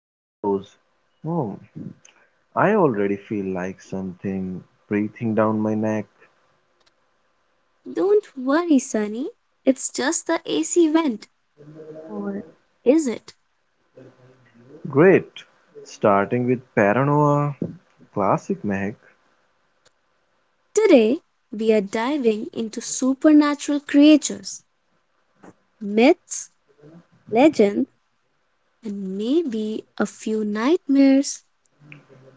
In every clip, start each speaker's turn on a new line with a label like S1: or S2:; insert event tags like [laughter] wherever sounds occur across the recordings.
S1: Shadows? Oh, I already feel like something breathing down my neck.
S2: Don't worry, Sunny, it's just the AC vent. Or is it?
S1: Great. Starting with paranoia, classic Mac,
S2: Today, we are diving into supernatural creatures, myths, legends, and maybe a few nightmares.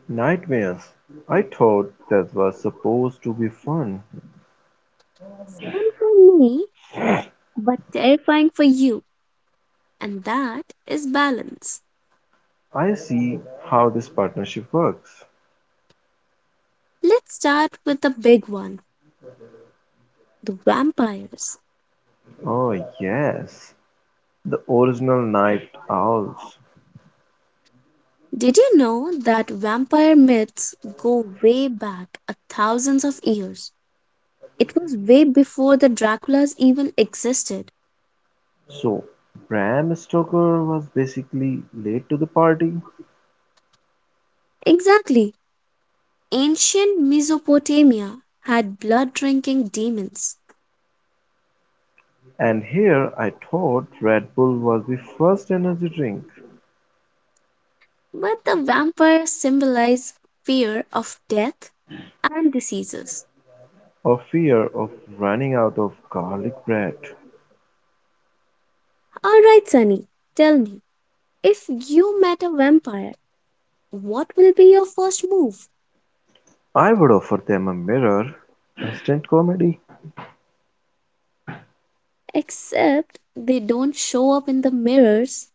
S1: nightmares. I thought that was supposed to be fun.
S2: Fun for me, but terrifying for you. And that is balance.
S1: I see how this partnership works.
S2: Let's start with the big one, the vampires.
S1: Oh, yes, the original Night Owls.
S2: Did you know that vampire myths go way back a thousands of years? It was way before the Draculas even existed.
S1: So, Bram Stoker was basically late to the party,
S2: Exactly. Ancient Mesopotamia had blood drinking demons,
S1: and here I thought Red Bull was the first energy drink.
S2: but the vampire symbolize fear of death and diseases.
S1: Or fear of running out of garlic bread.
S2: All right, Sunny, tell me, if you met a vampire, what will be your first move?
S1: I would offer them a mirror, instant comedy,
S2: Except they don't show up in the mirrors.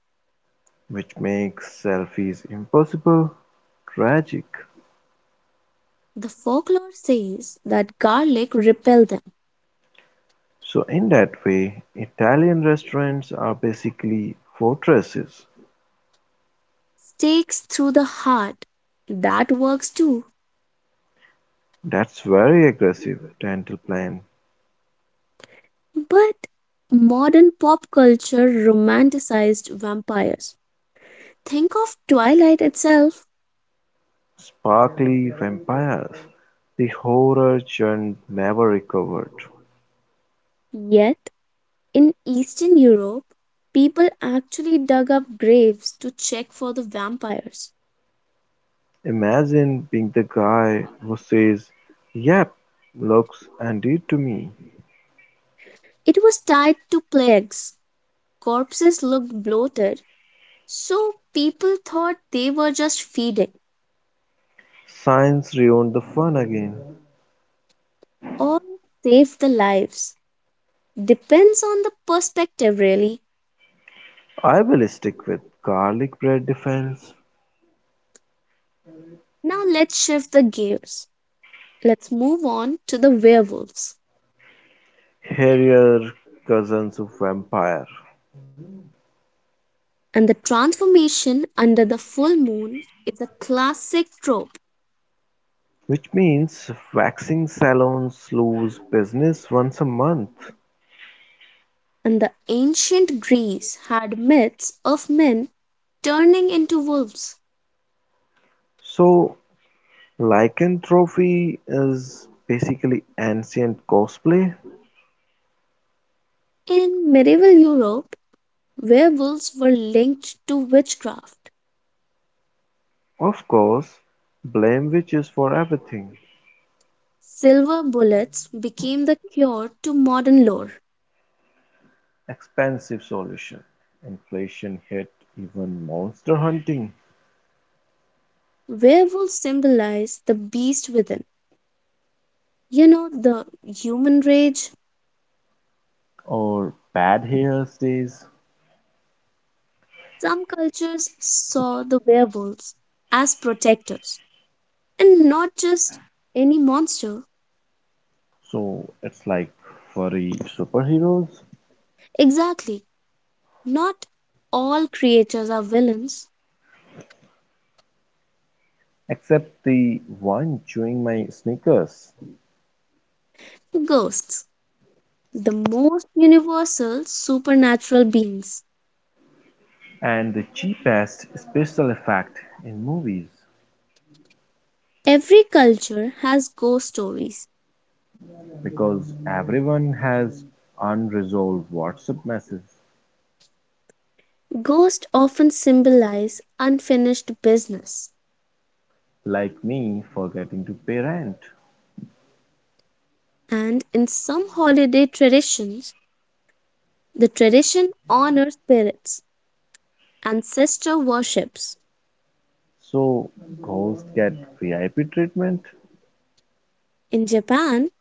S1: which makes selfies impossible, tragic.
S2: The folklore says that garlic repel them,
S1: So in that way, Italian restaurants are basically fortresses.
S2: stakes through the heart. That works too.
S1: That's very aggressive dental plan.
S2: But modern pop culture romanticized vampires. Think of Twilight itself.
S1: Sparkly vampires. The horror genre never recovered.
S2: Yet, in Eastern Europe, people actually dug up graves to check for the vampires.
S1: Imagine being the guy who says, yep, looks and did to me.
S2: It was tied to plagues. Corpses looked bloated, so people thought they were just feeding
S1: Science ruined the fun again.
S2: or saved the lives. Depends on the perspective, really.
S1: I'll stick with garlic bread defense,
S2: Now let's shift the gears. Let's move on to the werewolves.
S1: hairier cousins of vampire,
S2: And the transformation under the full moon is a classic trope.
S1: which means waxing salons lose business once a month.
S2: And the ancient Greece had myths of men turning into wolves.
S1: So lycanthropy is basically ancient cosplay.
S2: In medieval Europe, werewolves were linked to witchcraft.
S1: Of course, blame witches for everything.
S2: Silver bullets became the cure to modern lore.
S1: Expensive solution. Inflation hit even monster hunting,
S2: Werewolves symbolize the beast within. You know, the human rage,
S1: or bad hair days.
S2: some cultures saw the werewolves as protectors and not just any monster.
S1: So it's like furry superheroes,
S2: Exactly, not all creatures are villains.
S1: except the one chewing my sneakers,
S2: Ghosts, the most universal supernatural beings.
S1: and the cheapest special effect in movies,
S2: Every culture has ghost stories.
S1: because everyone has unresolved WhatsApp messages,
S2: Ghosts often symbolize unfinished business,
S1: like me forgetting to pay rent.
S2: and in some holiday traditions, the tradition honors spirits, ancestor worships.
S1: So ghosts get VIP treatment,
S2: In Japan,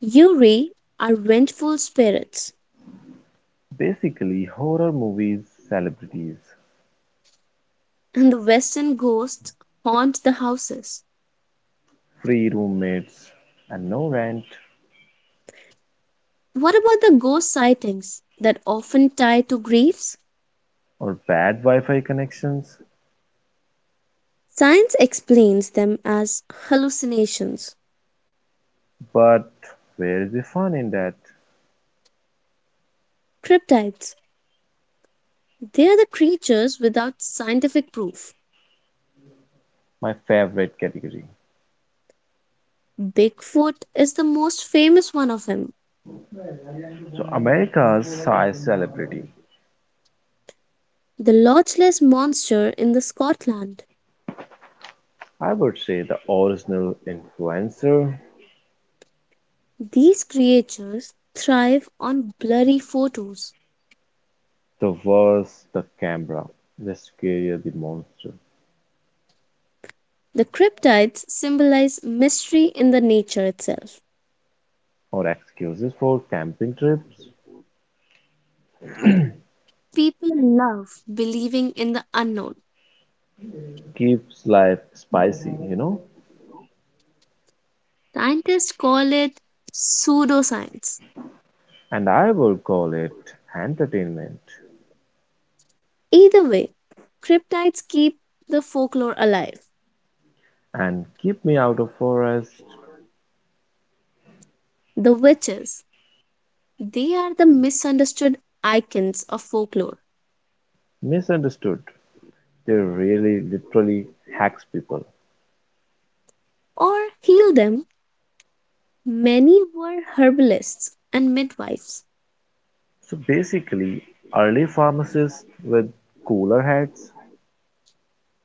S2: yuri are vengeful spirits,
S1: basically horror movies, celebrities,
S2: and the Western ghosts haunt the houses.
S1: free roommates and no rent,
S2: What about the ghost sightings that often tie to griefs?
S1: or bad Wi-Fi connections.
S2: Science explains them as hallucinations.
S1: But where is the fun in that?
S2: Cryptids, they are the creatures without scientific proof.
S1: My favorite category.
S2: Bigfoot is the most famous one of them,
S1: So America's size celebrity.
S2: the lodgeless monster in the Scotland.
S1: I would say the original influencer,
S2: These creatures thrive on blurry photos.
S1: the worse the camera, the scarier the monster.
S2: The cryptids symbolize mystery in the nature itself.
S1: Or excuses for camping trips,
S2: People love believing in the unknown.
S1: keeps life spicy,
S2: Scientists call it pseudoscience.
S1: And I would call it entertainment.
S2: Either way, cryptids keep the folklore alive.
S1: And keep me out of forest.
S2: The witches, they are the misunderstood icons of folklore.
S1: Misunderstood. They really literally hacks people.
S2: Or heal them, many were herbalists and midwives.
S1: So basically, early pharmacists with cooler heads,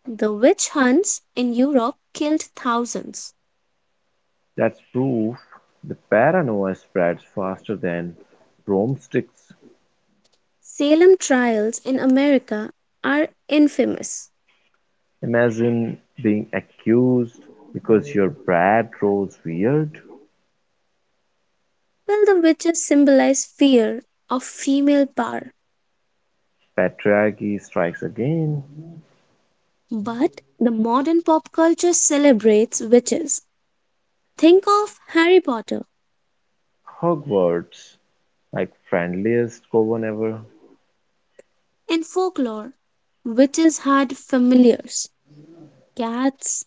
S2: The witch hunts in Europe killed thousands.
S1: that's proof the paranoia spreads faster than broomsticks.
S2: Salem trials in America are infamous.
S1: Imagine being accused because your bread grows weird.
S2: While the witches symbolize fear of female power,
S1: Patriarchy strikes again.
S2: but the modern pop culture celebrates witches. Think of Harry Potter.
S1: Hogwarts, like friendliest coven ever.
S2: In folklore, witches had familiars, cats,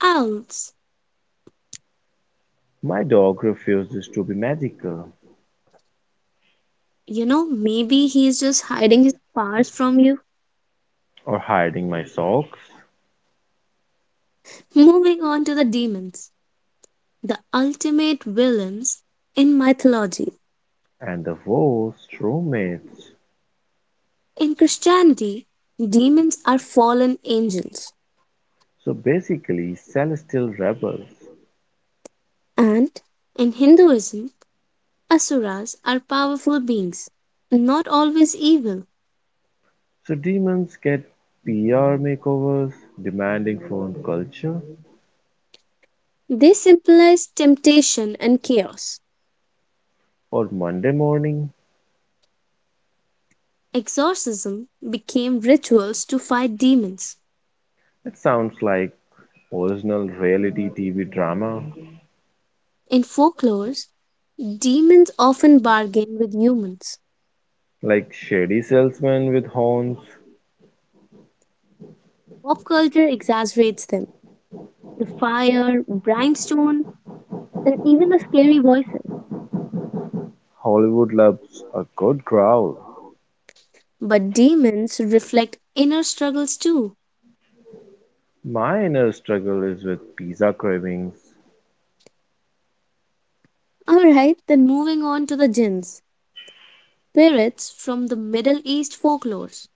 S2: owls.
S1: My dog refuses to be magical,
S2: You know, maybe he's just hiding his powers from you.
S1: or hiding my socks.
S2: Moving on to the demons, the ultimate villains in mythology.
S1: And the worst roommates.
S2: In Christianity, demons are fallen angels,
S1: So basically celestial rebels,
S2: and in Hinduism, asuras are powerful beings, not always evil.
S1: so demons get PR makeovers, demanding phone culture,
S2: They symbolize temptation and chaos.
S1: or Monday morning.
S2: Exorcism became rituals to fight demons.
S1: It sounds like original reality TV drama,
S2: In folklores, demons often bargain with humans.
S1: like shady salesman with horns.
S2: Pop culture exaggerates them. The fire, brimstone, and even the scary voices.
S1: Hollywood loves a good growl.
S2: But demons reflect inner struggles too.
S1: My inner struggle is with pizza cravings,
S2: Alright, then moving on to the jinns, spirits from the Middle East folklores.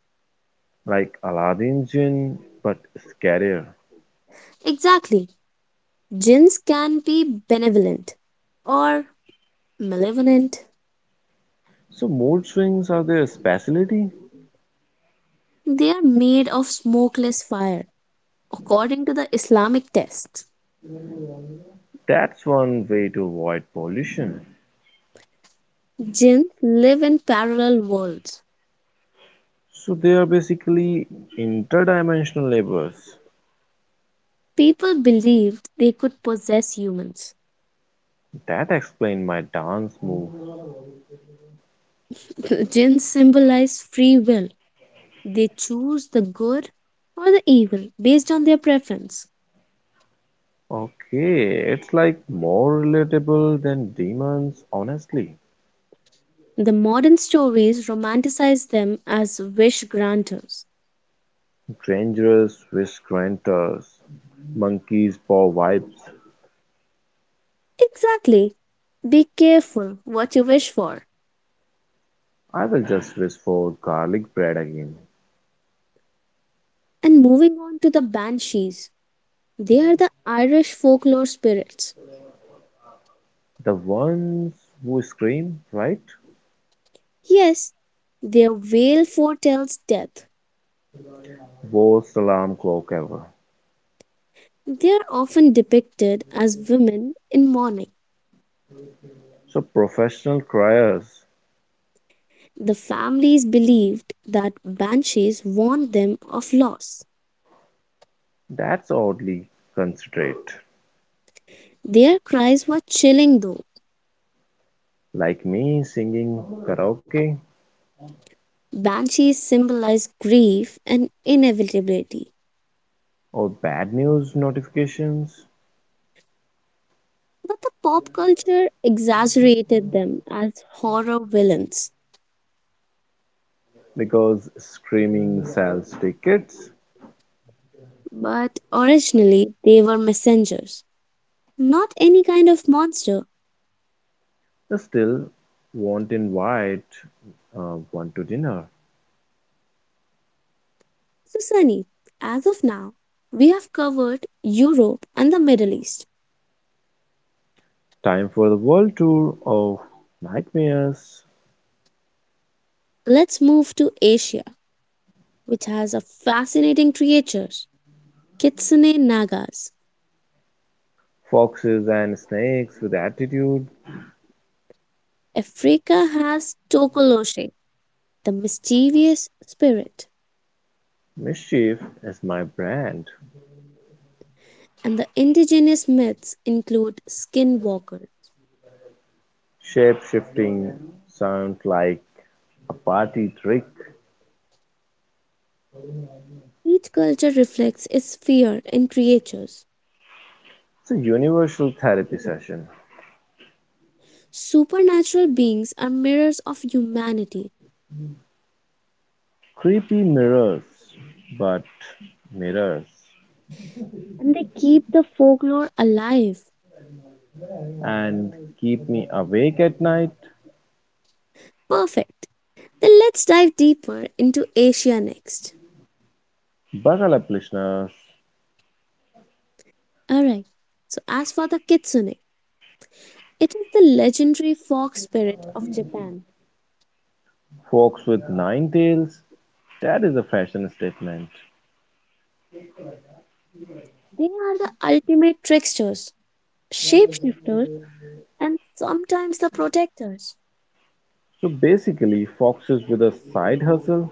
S1: like Aladdin's gin, but scarier.
S2: Exactly, jinns can be benevolent or malevolent.
S1: So mood swings are their specialty.
S2: They are made of smokeless fire, according to the Islamic texts.
S1: That's one way to avoid pollution.
S2: Jinns live in parallel worlds.
S1: So they are basically interdimensional neighbors.
S2: People believed they could possess humans.
S1: That explains my dance move.
S2: [laughs] Jinns symbolize free will. They choose the good or the evil based on their preference.
S1: Okay, it's like more relatable than demons, honestly.
S2: The modern stories romanticize them as wish granters.
S1: Dangerous wish granters, monkeys paw vibes.
S2: Exactly. Be careful what you wish for.
S1: I will just wish for garlic bread again.
S2: And moving on to the banshees, they are the Irish folklore spirits.
S1: The ones who scream, right?
S2: Yes, their wail foretells death.
S1: Worst alarm clock ever.
S2: They are often depicted as women in mourning.
S1: So professional criers,
S2: The families believed that banshees warned them of loss.
S1: that's oddly considerate.
S2: Their cries were chilling though.
S1: Like me singing karaoke,
S2: Banshees symbolized grief and inevitability,
S1: or bad news notifications,
S2: but the pop culture exaggerated them as horror villains.
S1: because screaming sells tickets,
S2: But originally, they were messengers, not any kind of monster.
S1: they still won't invite one to dinner.
S2: So, Sunny, as of now, we have covered Europe and the Middle East.
S1: Time for the world tour of nightmares,
S2: Let's move to Asia, which has a fascinating creatures, kitsune nagas.
S1: foxes and snakes with attitude.
S2: Africa has tokoloshe, the mischievous spirit,
S1: Mischief is my brand.
S2: and the indigenous myths include skinwalkers.
S1: Shape shifting sounds like a party trick.
S2: Each culture reflects its fear in creatures.
S1: It's a universal therapy session.
S2: Supernatural beings are mirrors of humanity,
S1: Creepy mirrors, but mirrors.
S2: and they keep the folklore alive.
S1: And keep me awake at night.
S2: Perfect. Then let's dive deeper into Asia next.
S1: Buckle up, listeners.
S2: Alright, so as for the kitsune, it is the legendary fox spirit of Japan.
S1: Fox with nine tails, that is a fashion statement.
S2: They are the ultimate tricksters, shapeshifters, and sometimes the protectors.
S1: So basically, foxes with a side hustle,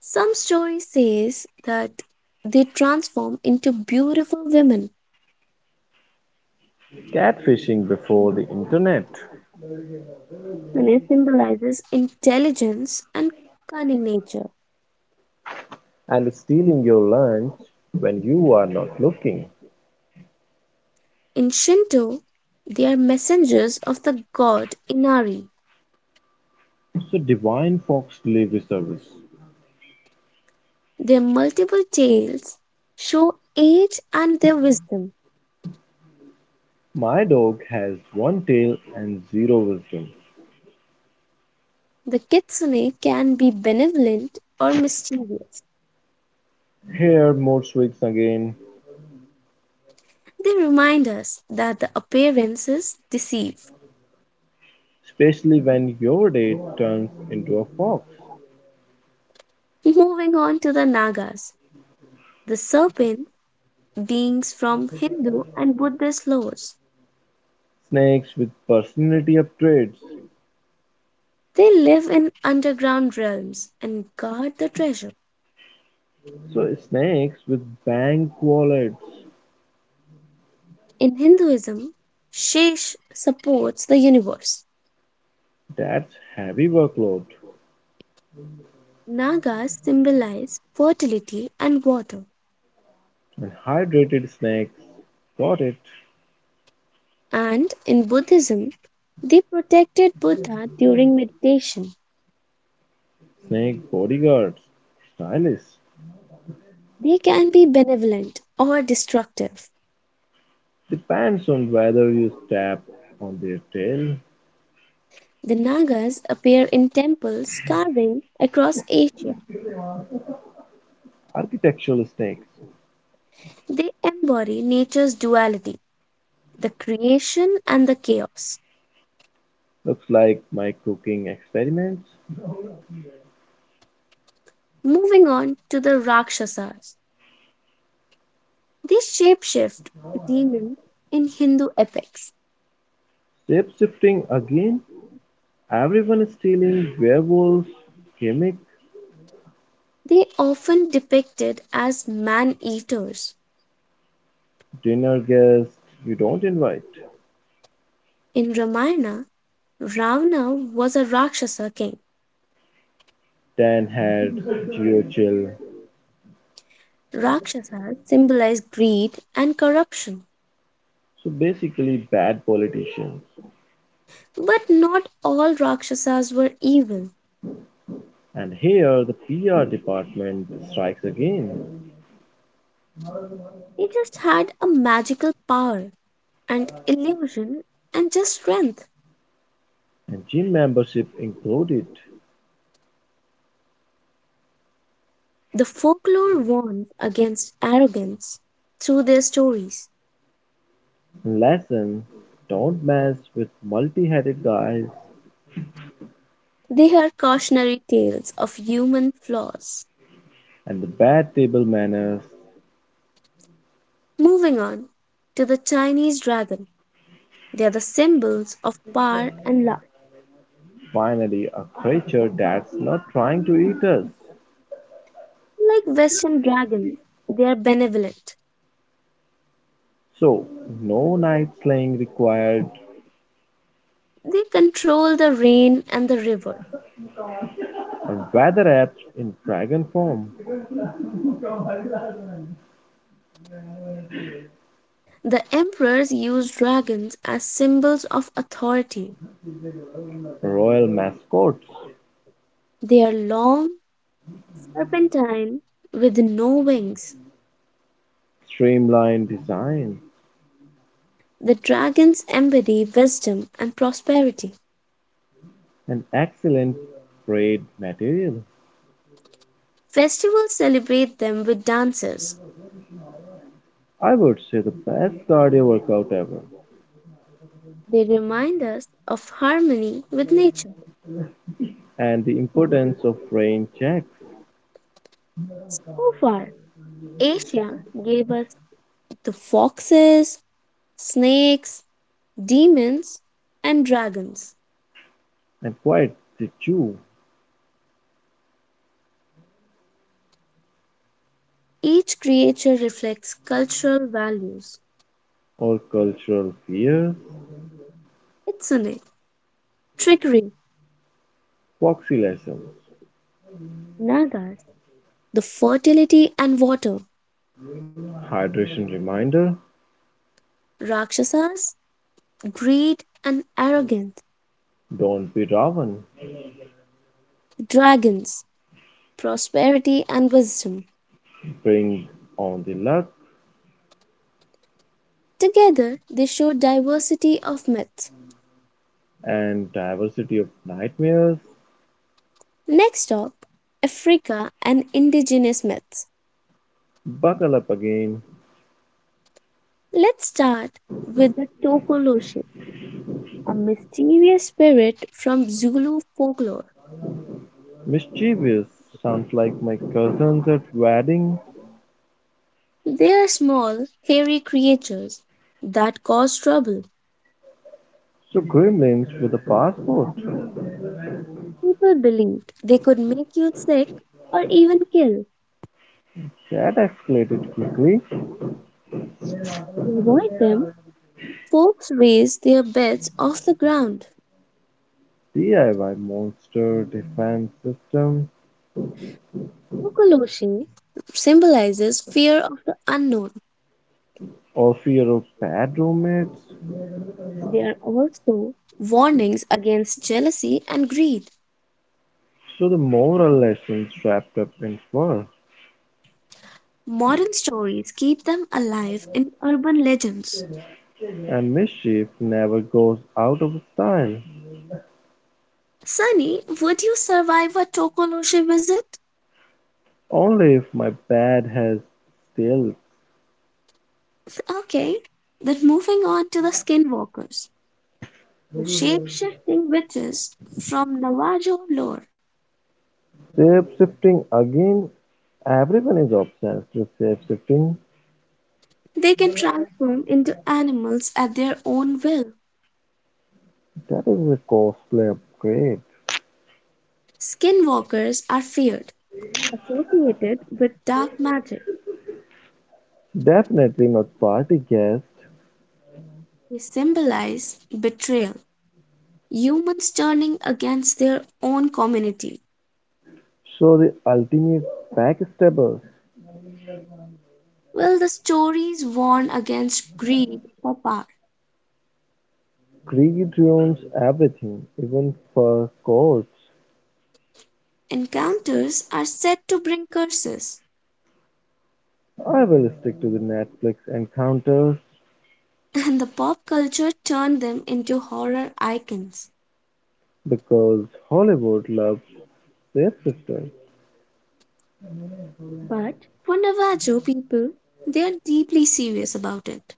S2: Some story says that they transform into beautiful women.
S1: catfishing before the internet,
S2: Sune symbolizes intelligence and cunning nature.
S1: and stealing your lunch when you are not looking.
S2: In Shinto, they are messengers of the god Inari.
S1: So, Divine Fox Delivery Service.
S2: Their multiple tails show age and their wisdom.
S1: My dog has one tail and zero wisdom.
S2: The kitsune can be benevolent or mischievous.
S1: Here, more tricks again,
S2: They remind us that the appearances deceive.
S1: especially when your day turns into a fox.
S2: Moving on to the Nagas, the serpent beings from Hindu and Buddhist lores.
S1: Snakes with personality upgrades.
S2: They live in underground realms and guard the treasure.
S1: So snakes with bank wallets.
S2: In Hinduism, Shesh supports the universe.
S1: That's heavy workload.
S2: Nagas symbolize fertility and water.
S1: And hydrated snakes. Got it.
S2: And in Buddhism, they protected Buddha during meditation.
S1: Snake bodyguards. Stylish.
S2: They can be benevolent or destructive.
S1: Depends on whether you tap on their tail.
S2: The Nagas appear in temples carving across Asia.
S1: Architectural snakes.
S2: They embody nature's duality, the creation and the chaos.
S1: Looks like my cooking experiments.
S2: Moving on to the Rakshasas, these shapeshift demons in Hindu epics.
S1: Shape shifting again. Everyone is stealing werewolf gimmick,
S2: They often depicted as man-eaters.
S1: dinner guest you don't invite.
S2: In Ramayana, Ravana was a Rakshasa king.
S1: Then had GeoChill,
S2: Rakshasas symbolize greed and corruption.
S1: so basically bad politicians.
S2: But not all Rakshasas were evil.
S1: And here the PR department strikes again,
S2: They just had a magical power and illusion and just strength.
S1: and gym membership included.
S2: The folklore warns against arrogance through their stories.
S1: Lesson, don't mess with multi headed guys,
S2: They are cautionary tales of human flaws.
S1: and the bad table manners.
S2: Moving on to the Chinese dragon, they are the symbols of power and love.
S1: Finally a creature that's not trying to eat us.
S2: Like Western dragons, they are benevolent.
S1: So, no night slaying required,
S2: They control the rain and the river.
S1: and weather apps in dragon form,
S2: The emperors used dragons as symbols of authority.
S1: royal mascots,
S2: They are long, serpentine, with no wings.
S1: streamlined design,
S2: The dragons embody wisdom and prosperity.
S1: an excellent grade material,
S2: Festivals celebrate them with dances.
S1: I would say the best cardio workout ever,
S2: They remind us of harmony with nature.
S1: and the importance of rain checks
S2: So far, Asia gave us the foxes, snakes, demons, and dragons.
S1: and quite the chew.
S2: Each creature reflects cultural values.
S1: Or cultural fears,
S2: Kitsune, trickery.
S1: proxy lessons,
S2: Nagas, the fertility and water.
S1: hydration reminder,
S2: Rakshasas, greed and arrogance.
S1: don't be raven,
S2: Dragons, prosperity, and wisdom.
S1: bring on the luck
S2: Together, they show diversity of myths.
S1: and diversity of nightmares,
S2: Next up, Africa and indigenous myths.
S1: buckle up again,
S2: Let's start with the Tokoloshe, a mysterious spirit from Zulu folklore.
S1: mischievous sounds like my cousins at wedding,
S2: They are small, hairy creatures that cause trouble.
S1: so gremlins with a passport.
S2: People believed they could make you sick or even kill.
S1: That escalated quickly.
S2: To avoid them, folks raise their beds off the ground.
S1: DIY monster defense system,
S2: Kokoloshi symbolizes fear of the unknown.
S1: or fear of bad roommates.
S2: They are also warnings against jealousy and greed.
S1: So the moral lessons wrapped up in fur.
S2: Modern stories keep them alive in urban legends.
S1: And mischief never goes out of style.
S2: Sunny, would you survive a Tokoloshi visit?
S1: Only if my bed has still.
S2: Okay. Then moving on to the skinwalkers, the shape shifting witches from Navajo lore.
S1: Shape shifting again. Everyone is obsessed with shape shifting.
S2: They can transform into animals at their own will.
S1: That is a costly upgrade.
S2: Skinwalkers are feared, associated with dark magic.
S1: Definitely not party guest.
S2: They symbolize betrayal, humans turning against their own community.
S1: So the ultimate backstabber.
S2: While the stories warn against greed for power,
S1: Greed ruins everything, even fur coats.
S2: encounters are said to bring curses,
S1: I will stick to the Netflix encounters
S2: [laughs] and the pop culture turned them into horror icons.
S1: because Hollywood loves their sisters
S2: But for Navajo people, they are deeply serious about it.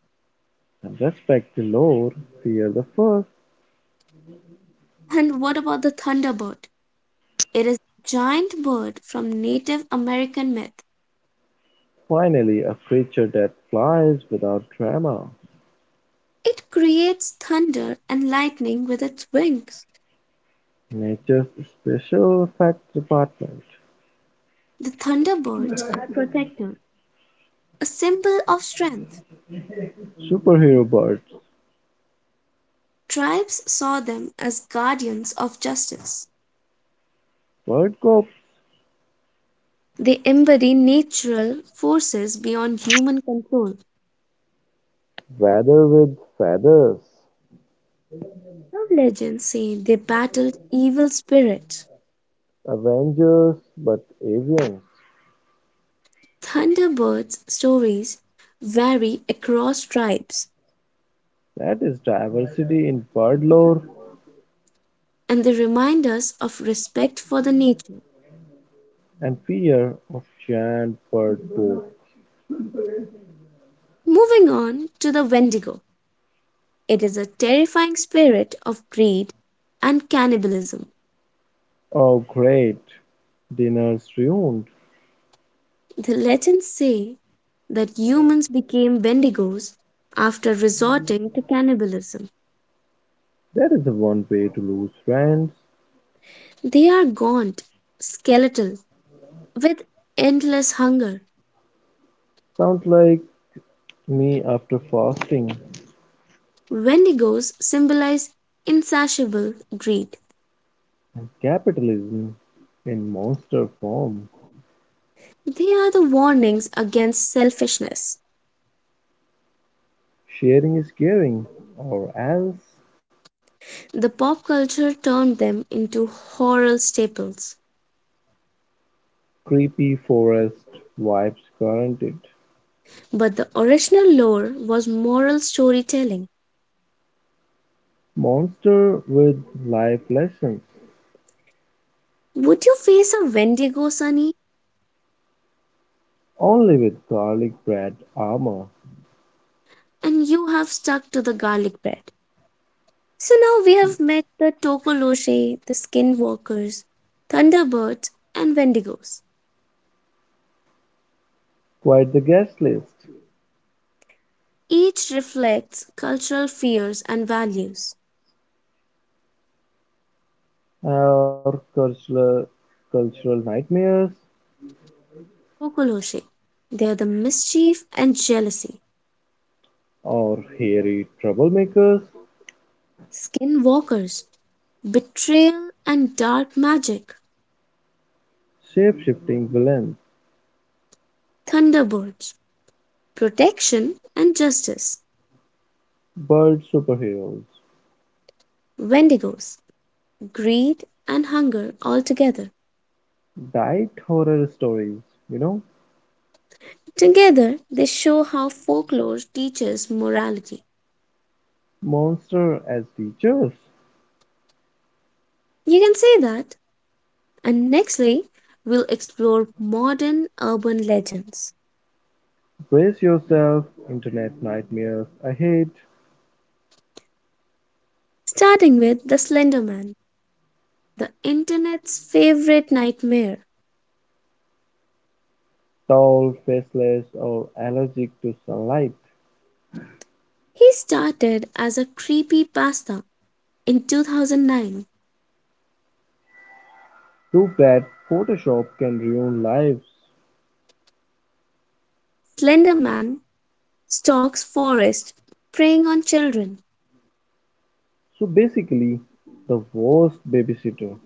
S1: and respect the lore, fear the first.
S2: And what about the Thunderbird? It is a giant bird from Native American myth.
S1: Finally, a creature that flies without drama.
S2: It creates thunder and lightning with its wings.
S1: Nature's special effects department.
S2: The thunderbirds are protectors, a symbol of strength.
S1: Superhero birds,
S2: Tribes saw them as guardians of justice.
S1: bird cops,
S2: They embody natural forces beyond human control.
S1: weather with feathers,
S2: Some legends say they battled evil spirits.
S1: Avengers but avians.
S2: Thunderbirds' stories vary across tribes,
S1: That is diversity in bird lore.
S2: and they remind us of respect for the nature.
S1: And fear of giant bird poop.
S2: Moving on to the Wendigo. It is a terrifying spirit of greed and cannibalism.
S1: Oh great, dinner's ruined.
S2: The legends say that humans became wendigos after resorting to cannibalism.
S1: That is the one way to lose friends.
S2: They are gaunt, skeletal, with endless hunger.
S1: Sounds like me after fasting.
S2: Wendigos symbolize insatiable greed.
S1: And capitalism in monster form.
S2: They are the warnings against selfishness.
S1: Sharing is caring, or else
S2: The pop culture turned them into horror staples,
S1: creepy forest vibes guaranteed.
S2: but the original lore was moral storytelling.
S1: Monster with life lessons,
S2: Would you face a Wendigo, Sunny?
S1: only with garlic bread armor.
S2: And you have stuck to the garlic bread. So now we have met the Tokoloshe, the Skinwalkers, Thunderbirds, and Wendigos.
S1: Quite the guest list.
S2: Each reflects cultural fears and values.
S1: Or cultural nightmares,
S2: Tokoloshe, they are the mischief and jealousy.
S1: or hairy troublemakers,
S2: Skinwalkers, betrayal and dark magic.
S1: shape-shifting villains,
S2: Thunderbirds, protection and justice.
S1: bird superheroes,
S2: Wendigos, greed and hunger altogether.
S1: diet horror stories, you know,
S2: Together, they show how folklore teaches morality.
S1: monster as teachers.
S2: You can say that. And nextly, we'll explore modern urban legends,
S1: Brace yourself, internet nightmares ahead,
S2: starting with the Slender Man, the internet's favorite nightmare.
S1: tall, faceless, or allergic to sunlight.
S2: He started as a creepy pasta in 2009.
S1: Too bad Photoshop can ruin lives.
S2: Slender Man stalks forest, preying on children.
S1: So basically, the worst babysitter,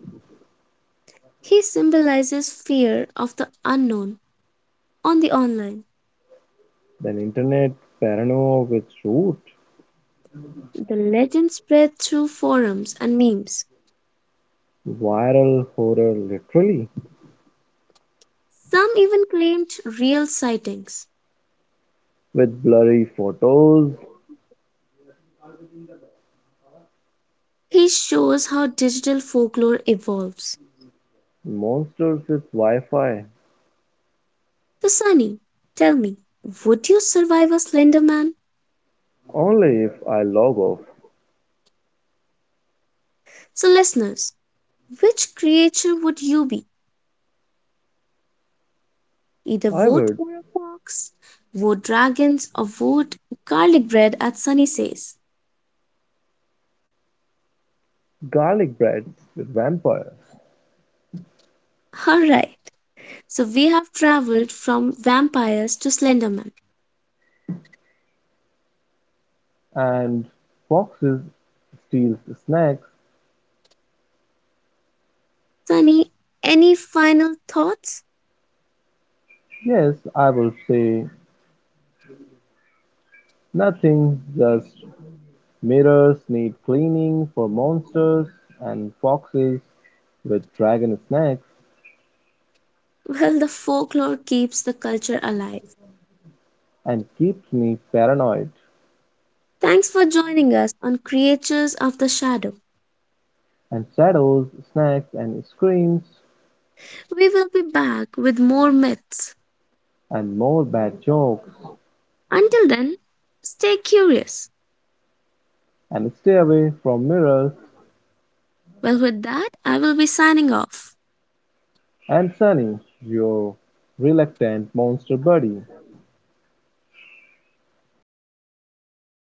S2: He symbolizes fear of the unknown on the online.
S1: an internet paranoia with root.
S2: The legend spread through forums and memes.
S1: Viral horror literally,
S2: Some even claimed real sightings.
S1: with blurry photos,
S2: This shows how digital folklore evolves.
S1: monsters with Wi-Fi.
S2: So, Sunny, tell me, would you survive a Slender Man?
S1: Only if I log off,
S2: So, listeners, which creature would you be? Either
S1: I
S2: vote
S1: would
S2: for a fox, vote dragons, or vote garlic bread, as Sunny says.
S1: garlic breads with vampires
S2: Alright, so we have traveled from vampires to Slenderman.
S1: and foxes steals snacks.
S2: Sunny, any final thoughts?
S1: Yes, I will say nothing, just mirrors need cleaning for monsters and foxes with dragon snacks
S2: Well, the folklore keeps the culture alive.
S1: and keeps me paranoid.
S2: Thanks for joining us on Creatures of the Shadow.
S1: And shadows, snacks and screams.
S2: We will be back with more myths.
S1: And more bad jokes,
S2: Until then, stay curious.
S1: and stay away from mirrors
S2: Well, with that, I will be signing off.
S1: and Sunny, your reluctant monster buddy.